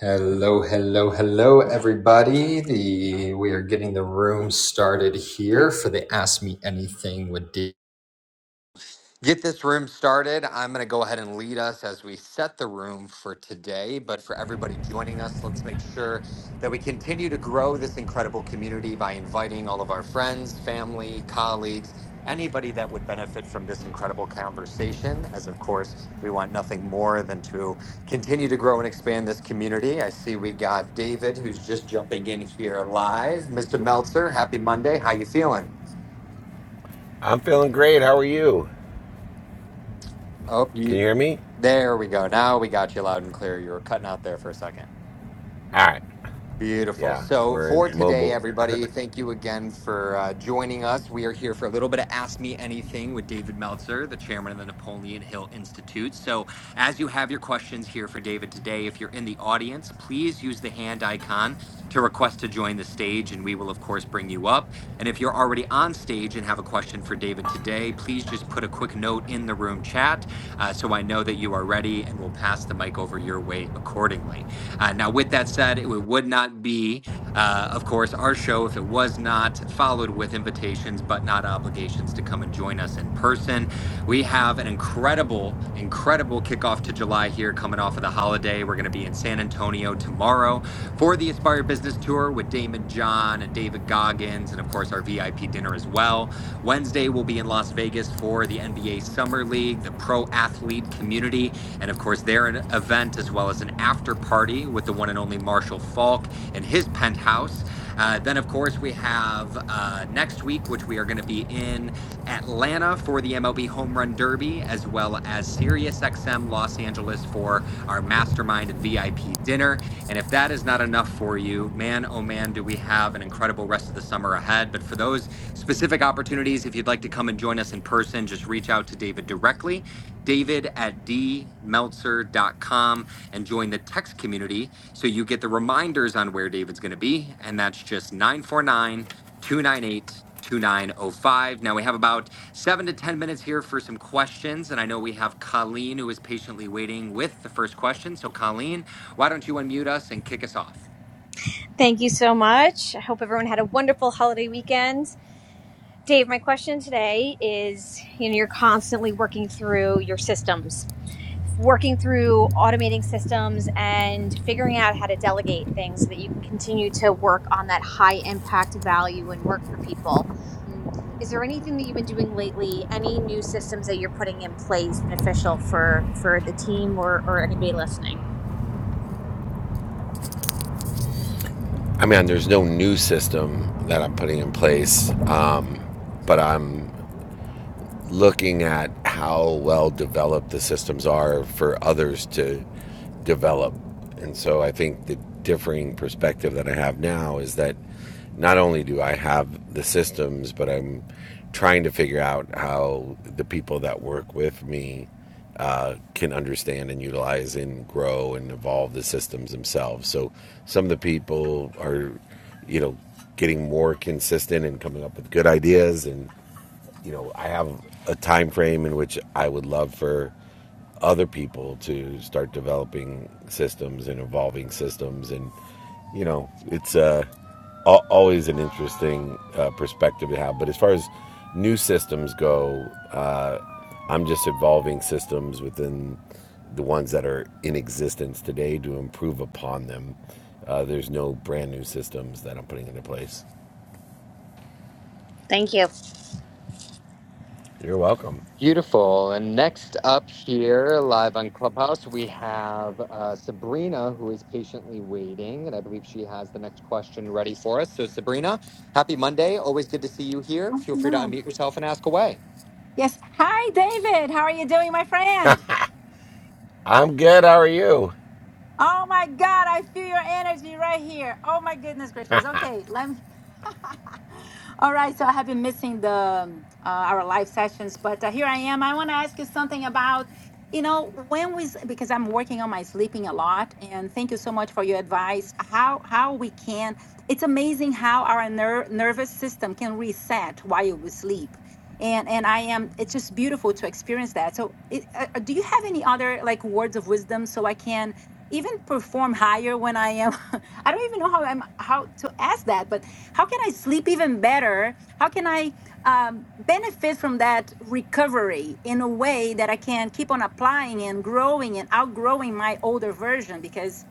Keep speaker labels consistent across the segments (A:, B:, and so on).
A: Hello, hello, hello, everybody. The we are getting the room started here for the Ask Me Anything with D get this room started. I'm going to go ahead and lead us as we set the room for today. But for everybody joining us, let's make sure that we continue to grow this incredible community by inviting all of our friends, family, colleagues, anybody that would benefit from this incredible conversation. As of course, we want nothing more than to continue to grow and expand this community. I see we got David who's just jumping in here live. Mr. Meltzer, happy Monday. How you feeling?
B: I'm feeling great. How are you?
A: Oh, you
B: Can you hear me?
A: There we go. Now we got you loud and clear. You were cutting out there for a second.
B: All right.
A: Beautiful.
B: Yeah,
A: So,
B: we're in
A: for today,
B: mobile.
A: everybody, thank you again for uh, joining us. We are here for a little bit of Ask Me Anything with David Meltzer, the chairman of the Napoleon Hill Institute. So, as you have your questions here for David today, if you're in the audience, please use the hand icon to request to join the stage, and we will, of course, bring you up. And if you're already on stage and have a question for David today, please just put a quick note in the room chat uh, so I know that you are ready and we'll pass the mic over your way accordingly. Uh, now, with that said, it would not be, uh, of course, our show if it was not followed with invitations, but not obligations to come and join us in person. We have an incredible, incredible kickoff to July here coming off of the holiday. We're going to be in San Antonio tomorrow for the Aspire Business Tour with Damon John and David Goggins and and of course our VIP dinner as well. Wednesday we'll be in Las Vegas for the NBA Summer League, the pro athlete community, and of course their e-, event as well as an after party with the one and only Marshall Falk and his penthouse. Uh, then of course we have uh, next week, which we are going to be in Atlanta for the MLB Home Run Derby, as well as SiriusXM Los Angeles for our mastermind and VIP dinner. And if that is not enough for you, man, oh man, do we have an incredible rest of the summer ahead. But for those specific opportunities, if you'd like to come and join us in person, just reach out to David directly david at dmeltzer.com and join the text community so you get the reminders on where David's going to be. And that's just 949 298 2905. Now we have about seven to 10 minutes here for some questions. And I know we have Colleen who is patiently waiting with the first question. So, Colleen, why don't you unmute us and kick us off?
C: Thank you so much. I hope everyone had a wonderful holiday weekend. Dave, my question today is you know, you're constantly working through your systems, working through automating systems and figuring out how to delegate things so that you can continue to work on that high impact value and work for people. Mm, Is there anything that you've been doing lately? Any new systems that you're putting in place beneficial for for the team or, or anybody listening?
B: I mean, there's no new system that I'm putting in place, um, but I'm looking at how well developed the systems are for others to develop. And so I think the differing perspective that I have now is that not only do I have the systems, but I'm trying to figure out how the people that work with me uh, can understand and utilize and grow and evolve the systems themselves. So some of the people are, you know, getting more consistent and coming up with good ideas and you know, I have a time frame in which I would love for other people to start developing systems and evolving systems, and you know, it's uh, always an interesting uh, perspective to have. But as far as new systems go, uh, I'm just evolving systems within the ones that are in existence today to improve upon them. Uh, there's no brand new systems that I'm putting into place.
C: Thank you.
B: You're welcome.
A: Beautiful. And next up here, live on Clubhouse, we have uh, Sabrina, who is patiently waiting. And I believe she has the next question ready for us. So, Sabrina, happy Monday. Always good to see you here.
D: Oh,
A: Feel free to
D: no.
A: unmute yourself and ask away.
D: Yes. Hi, David. How are you doing, my friend?
B: I'm good. How are you?
D: Oh my God, I feel your energy right here. Oh my goodness gracious. Okay, let me. All right, so I have been missing the um, uh, our live sessions, but uh, here I am. I want to ask you something about, you know, when we s- because I'm working on my sleeping a lot, and thank you so much for your advice. How how we can? It's amazing how our ner- nervous system can reset while we sleep and and i am it's just beautiful to experience that so it, uh, uh, do you have any other like words of wisdom so i can even perform higher when I am. I don't even know how I'm how to ask that, but how can I sleep even better? How can I um, benefit from that recovery in a way that I can keep on applying and growing and outgrowing my older version? Because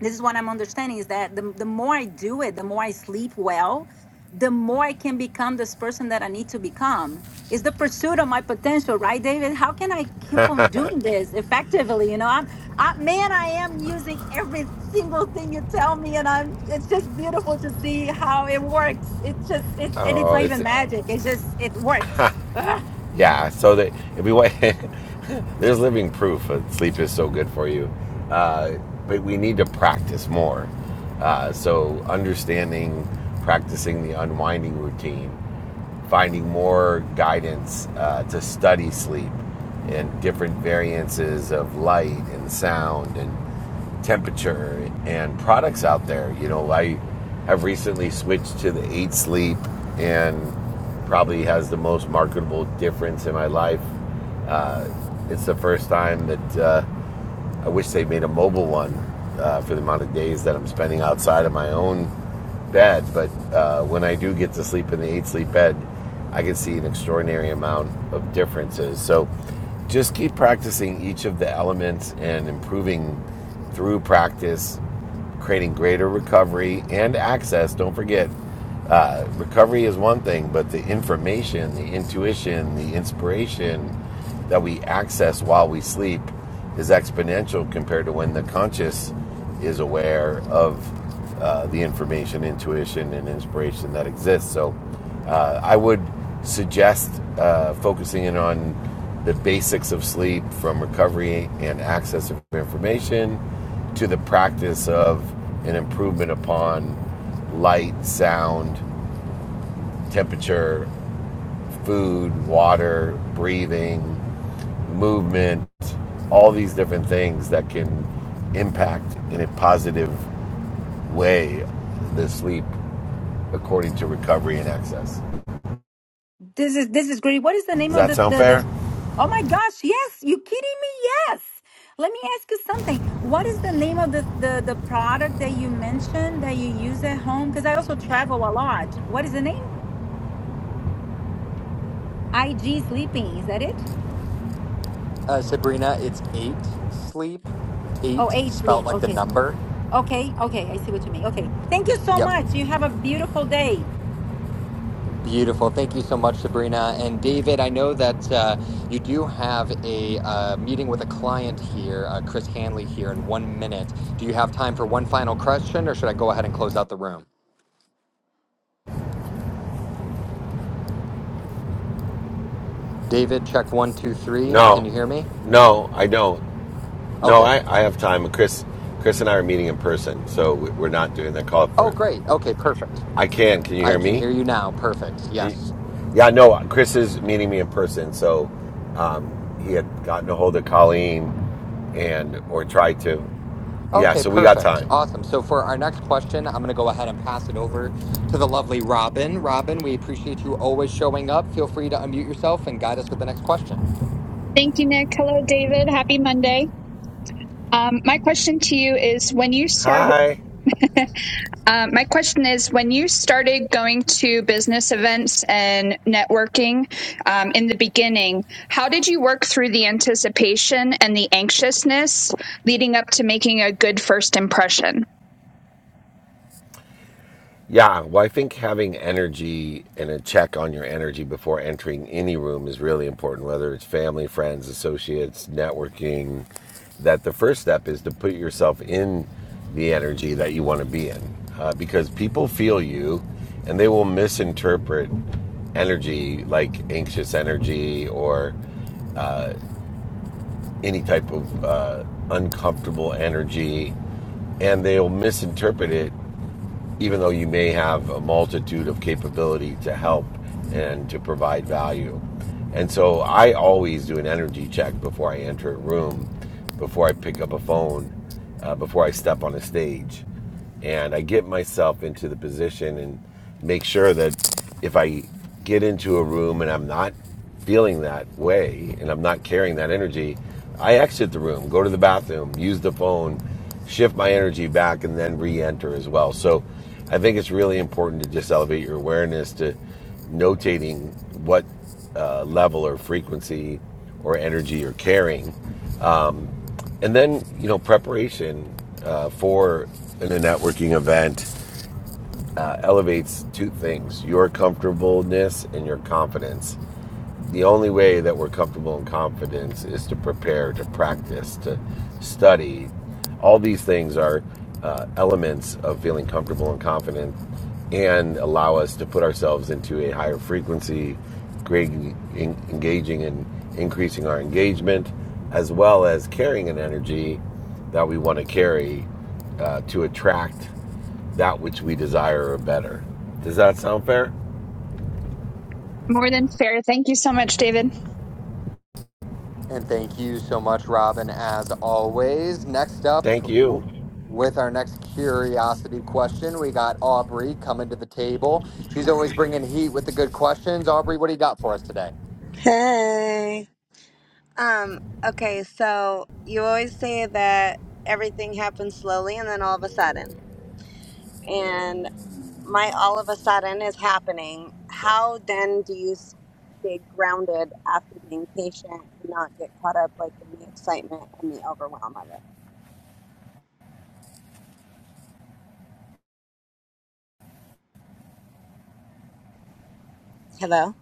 D: this is what I'm understanding is that the, the more I do it, the more I sleep well, the more I can become this person that I need to become. It's the pursuit of my potential, right, David? How can I keep on doing this effectively? You know, I'm, I, man, I am using every single thing you tell me, and I'm. It's just beautiful to see how it works. It's just, it's, and it's
B: Oh,
D: not
B: it's
D: even magic. It's just, it works.
B: yeah. So that if we want, there's living proof that sleep is so good for you, uh, but we need to practice more. Uh, so understanding, practicing the unwinding routine, finding more guidance uh, to study sleep and different variances of light and sound and temperature and products out there. You know, I have recently switched to the eight sleep and probably has the most marketable difference in my life. Uh, it's the first time that uh, I wish they made a mobile one uh, for the amount of days that I'm spending outside of my own bed. But uh, when I do get to sleep in the eight sleep bed, I can see an extraordinary amount of differences. So just keep practicing each of the elements and improving through practice, creating greater recovery and access. Don't forget, uh, recovery is one thing, but the information, the intuition, the inspiration, that we access while we sleep is exponential compared to when the conscious is aware of uh, the information, intuition, and inspiration that exists. So, uh, I would suggest uh, focusing in on the basics of sleep from recovery and access of information to the practice of an improvement upon light, sound, temperature, food, water, breathing, movement, all these different things that can impact in a positive way the sleep according to recovery and access.
D: This is this is great. What is the name
B: Does
D: of
B: that
D: the,
B: sound
D: the the
B: fair?
D: Oh my gosh, yes, you kidding me? Yes. Let me ask you something. What is the name of the the, the product that you mentioned that you use at home? Because I also travel a lot. What is the name? IG sleeping. Is that it?
A: Uh, Sabrina, it's eight sleep,
D: Oh,
A: eight
D: eight
A: spelt
D: sleep.
A: like the
D: Okay.
A: number.
D: Okay. Okay. I see what you mean. Okay. Thank you so
A: Yep.
D: much. You have a beautiful day.
A: Beautiful. Thank you so much, Sabrina. And David, I know that uh, you do have a uh, meeting with a client here, uh, Chris Hanley here, in one minute. Do you have time for one final question or should I go ahead and close out the room? David, check one, two, three. Can
B: No,
A: you hear me?
B: no, I don't. No,
A: Okay.
B: I, I have time. Chris, Chris and I are meeting in person, so we- are not doing that call for
A: Oh,
B: it.
A: great. Okay, perfect.
B: I can. Can you
A: I
B: hear
A: can
B: me?
A: hear you now. Perfect.
B: Can
A: Yes.
B: you? Yeah, no. Chris is meeting me in person, so um, he had gotten a hold of Colleen and or tried to. Yeah,
A: Okay,
B: so we got
A: perfect.
B: time.
A: Awesome. So for our next question, I'm going to go ahead and pass it over to the lovely Robin. Robin, we appreciate you always showing up. Feel free to unmute yourself and guide us with the next question.
E: Thank you, Nick. Hello, David. Happy Monday. Um, my question to you is when you start,
B: Hi.
E: um, my question is when you started going to business events and networking um, in the beginning, how did you work through the anticipation and the anxiousness leading up to making a good first impression?
B: Yeah, well, I think having energy and a check on your energy before entering any room is really important, whether it's family, friends, associates, networking. That the first step is to put yourself in the energy that you want to be in uh, because people feel you and they will misinterpret energy like anxious energy or any type of uh, uncomfortable energy and they'll misinterpret it even though you may have a multitude of capability to help and to provide value. And so I always do an energy check before I enter a room, before I pick up a phone, uh, before I step on a stage. And I get myself into the position and make sure that if I get into a room and I'm not feeling that way and I'm not carrying that energy, I exit the room, go to the bathroom, use the phone, shift my energy back, and then re enter as well. So I think it's really important to just elevate your awareness to notating what uh, level or frequency or energy you're carrying. And then, you know, preparation uh, for in a networking event uh, elevates two things your comfortableness and your confidence the only way that we're comfortable in confidence is to prepare, to practice, to study. All these things are uh, elements of feeling comfortable and confident and allow us to put ourselves into a higher frequency, great, en- engaging and increasing our engagement, as well as carrying an energy that we want to carry uh, to attract that which we desire or better. Does that sound fair?
E: More than fair. Thank you so much, David.
A: And thank you so much, Robin, as always. Next up,
B: Thank
A: w-
B: you.
A: with our next curiosity question, we got Aubrey coming to the table. She's always bringing heat with the good questions. Aubrey, what do you got for us today?
F: Hey. Um, okay, so you always say that everything happens slowly and then all of a sudden. And my all of a sudden is happening.
B: Yeah.
F: How then do you stay grounded after being patient and not get caught up like in the excitement and the overwhelm of it? Hello?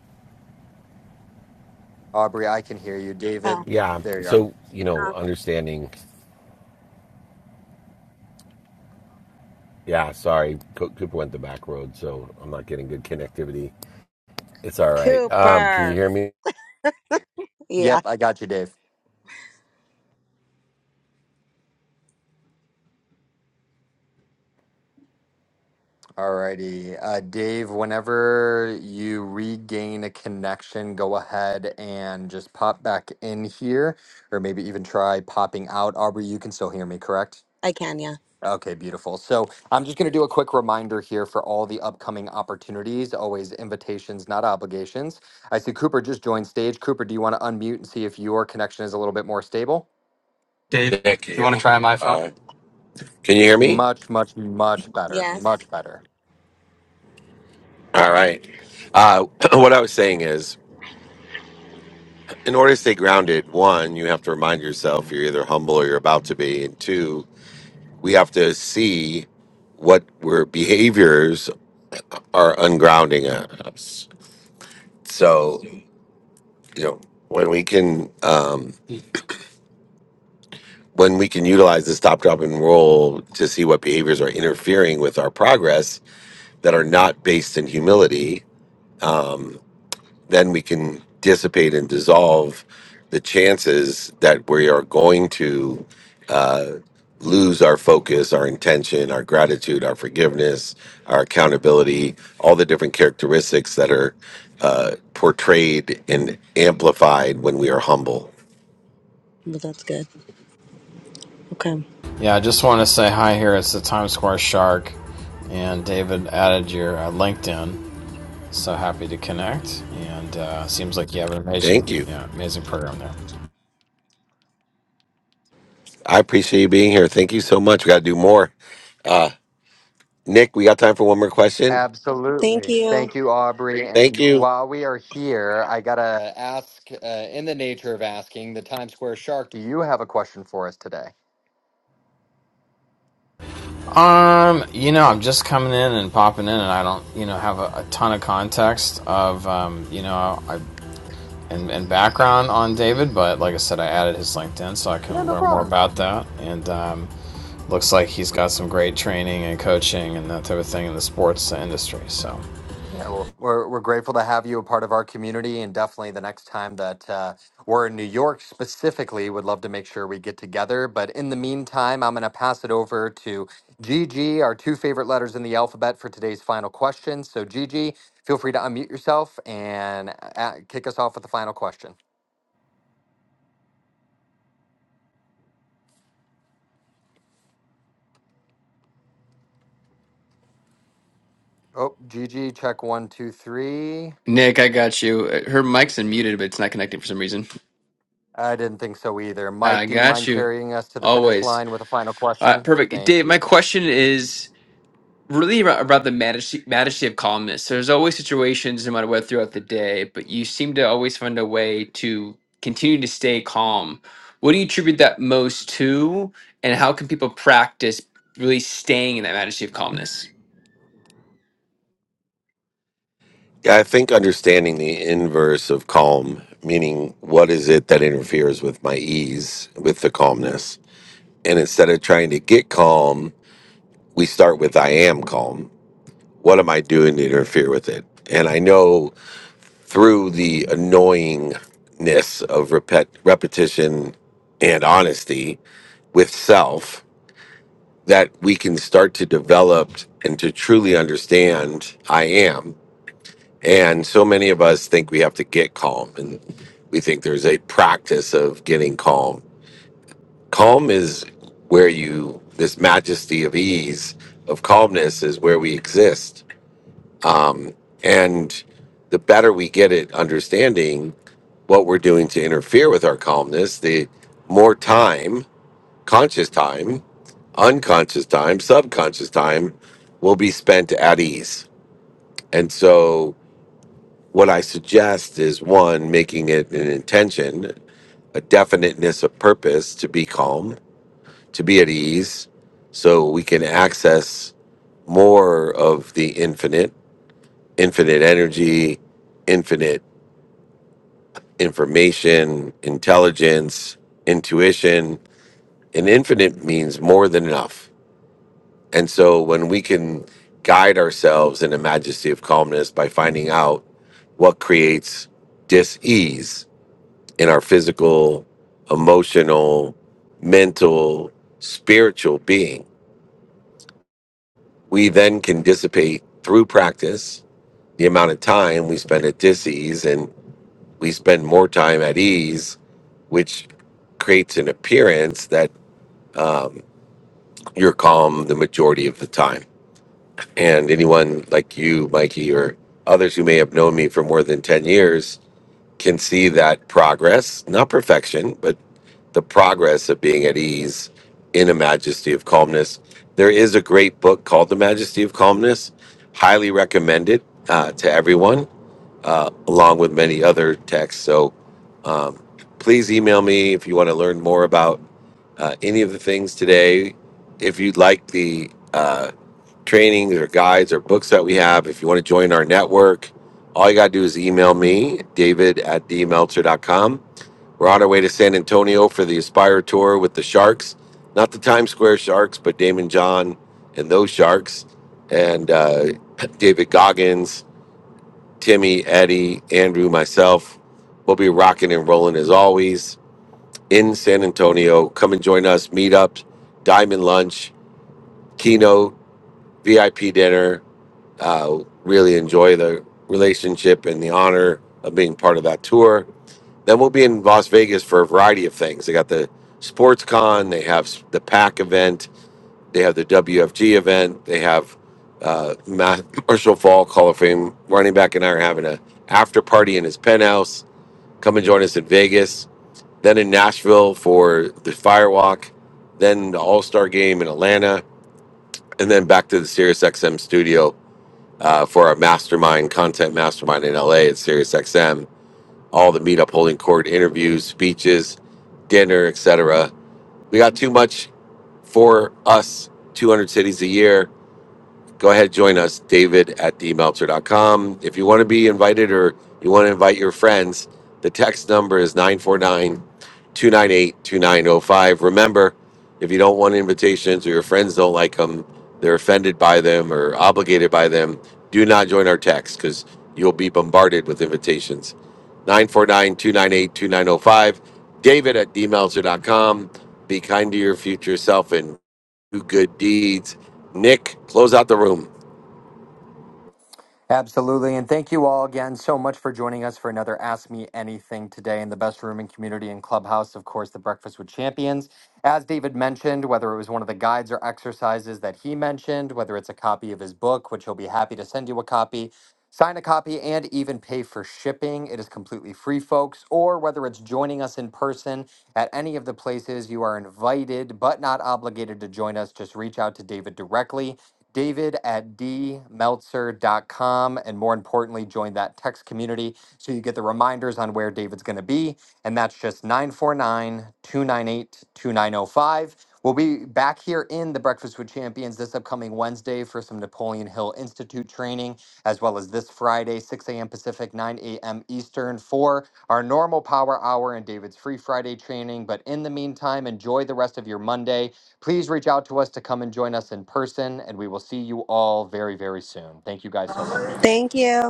A: Aubrey, I can hear you.
F: Oh.
A: David,
B: Yeah.
A: there you are.
B: So, you know,
F: Uh,
B: understanding. Yeah. Sorry. Co- Cooper went the back road, so I'm not getting good connectivity. It's all right. Um, can you
F: Cooper.
B: hear me?
F: Yeah,
A: Yep, I got you, Dave. Alrighty. Uh, Dave, whenever you regain a connection, go ahead and just pop back in here, or maybe even try popping out. Aubrey, you can still hear me, correct?
F: I can, yeah.
A: Okay, beautiful. So I'm just going to do a quick reminder here for all the upcoming opportunities, always invitations, not obligations. I see Cooper just joined stage. Cooper, do you want to unmute and see if your connection is a little bit more stable?
G: Dave, Nick, you want to try my phone? Uh, can you hear me?
A: Much, much, much better.
F: Yes.
A: Much better.
G: All right. Uh, what I was saying is, in order to stay grounded, one, you have to remind yourself you're either humble or you're about to be, and two, we have to see what where behaviors are ungrounding us. So, you know, when we can um, when we can utilize the stop, drop, and roll to see what behaviors are interfering with our progress that are not based in humility. um, then we can dissipate and dissolve the chances that we are going to uh, lose our focus, our intention, our gratitude, our forgiveness, our accountability, all the different characteristics that are uh, portrayed and amplified when we are humble.
F: Well, that's good. Okay.
H: Yeah, I just want to say hi here. It's the Times Square Shark, and David added your uh, LinkedIn. So happy to connect, and uh, seems like you have an amazing,
G: Thank you.
H: yeah, amazing program there.
G: I appreciate you being here. Thank you so much. We got to do more. Uh, Nick, we got time for one more question.
F: Thank
A: Absolutely.
F: you.
A: Thank you, Aubrey.
G: Thank
A: And
G: you.
A: while we are here, I got to ask uh, in the nature of asking the Times Square Shark, do you have a question for us today?
H: Um, you know, I'm just coming in and popping in, and I don't, you know, have a, a ton of context of, um, you know, I and, and background on David, but like I said, I added his LinkedIn so I
A: Yeah,
H: can
A: no
H: learn more
A: problem.
H: about that, and um, looks like he's got some great training and coaching and that type of thing in the sports industry. So.
A: Yeah, well, we're we're grateful to have you a part of our community, and definitely the next time that uh, we're in New York specifically, would love to make sure we get together. But in the meantime, I'm going to pass it over to Gigi, our two favorite letters in the alphabet, for today's final question. So, Gigi, feel free to unmute yourself and uh, uh, kick us off with the final question. Oh, Gigi, check one, two, three.
I: Nick, I got you. Uh, Her mic's unmuted, but it's not connecting for some reason.
A: I didn't think so either. Mike,
I: I
A: do you
I: got
A: mind
I: you.
A: carrying us to the finish
I: Always.
A: line with a final
I: Uh,
A: question?
I: perfect.
A: Thank
I: Dave,
A: you.
I: my question is really about, about the majesty, majesty of calmness. There's always situations, no matter what, throughout the day, but you seem to always find a way to continue to stay calm. What do you attribute that most to, and how can people practice really staying in that majesty of calmness?
G: Yeah, I think understanding the inverse of calm, meaning what is it that interferes with my ease, with the calmness. And instead of trying to get calm, we start with I am calm. What am I doing to interfere with it? And I know through the annoyingness of repet- repetition and honesty with self that we can start to develop and to truly understand I am. And so many of us think we have to get calm, and we think there's a practice of getting calm. Calm is where you, this majesty of ease, of calmness is where we exist. Um, and the better we get at understanding what we're doing to interfere with our calmness, the more time, conscious time, unconscious time, subconscious time will be spent at ease. And so What I suggest is one, making it an intention, a definiteness of purpose to be calm, to be at ease, so we can access more of the infinite, infinite energy, infinite information, intelligence, intuition. And infinite means more than enough. And so when we can guide ourselves in a majesty of calmness by finding out what creates dis ease in our physical, emotional, mental, spiritual being. We then can dissipate through practice the amount of time we spend at dis-ease and we spend more time at ease, which creates an appearance that um, you're calm the majority of the time. And anyone like you, Mikey, or others who may have known me for more than 10 years can see that progress, not perfection, but the progress of being at ease in a majesty of calmness. There is a great book called The Majesty of Calmness, highly recommended uh, to everyone, uh, along with many other texts. So um, please email me if you want to learn more about uh, any of the things today. If you'd like the uh, trainings or guides or books that we have, if you want to join our network, all you got to do is email me, david at d meltzer dot com. We're on our way to San Antonio for the Aspire Tour with the Sharks, not the Times Square Sharks, but Damon John and those Sharks, and uh, David Goggins, Timmy, Eddie, Andrew, myself. We'll be rocking and rolling as always in San Antonio. Come and join us. Meetups, Diamond Lunch, keynote, VIP dinner. Uh, really enjoy the relationship and the honor of being part of that tour. Then we'll be in Las Vegas for a variety of things. They got the sports con, they have s- the PAC event, they have the WFG event, they have uh, Ma- Marshall Falk Hall of Fame running back and I are having a after party in his penthouse. Come and join us in Vegas. Then in Nashville for the Firewalk. Then the All Star Game in Atlanta, and then back to the SiriusXM studio uh, for our mastermind content mastermind in LA at SiriusXM all the meetup holding court interviews, speeches, dinner, etc. We got too much for us, 200 cities a year go ahead join us david at dmeltzer.com if you want to be invited or you want to invite your friends the text number is nine four nine two nine eight two nine zero five. remember if you don't want invitations or your friends don't like them they're offended by them or obligated by them do not join our text because you'll be bombarded with invitations 949-298-2905 david at dmeltzer.com be kind to your future self and do good deeds Nick, close out the room.
A: Absolutely. And thank you all again so much for joining us for another Ask Me Anything today in the best room and community and clubhouse. Of course, the Breakfast with Champions. As David mentioned, whether it was one of the guides or exercises that he mentioned, whether it's a copy of his book, which he'll be happy to send you a copy, sign a copy, and even pay for shipping, it is completely free, folks. Or whether it's joining us in person at any of the places, you are invited but not obligated to join us. Just reach out to David directly. David at dmeltzer.com. And more importantly, join that text community so you get the reminders on where David's going to be. And that's just 949 298 2905. We'll be back here in the Breakfast with Champions this upcoming Wednesday for some Napoleon Hill Institute training, as well as this Friday, 6 a.m. Pacific, 9 a.m. Eastern, for our normal power hour and David's Free Friday training. But in the meantime, enjoy the rest of your Monday. Please reach out to us to come and join us in person, and we will see you all very, very soon. Thank you guys so much.
F: Thank you.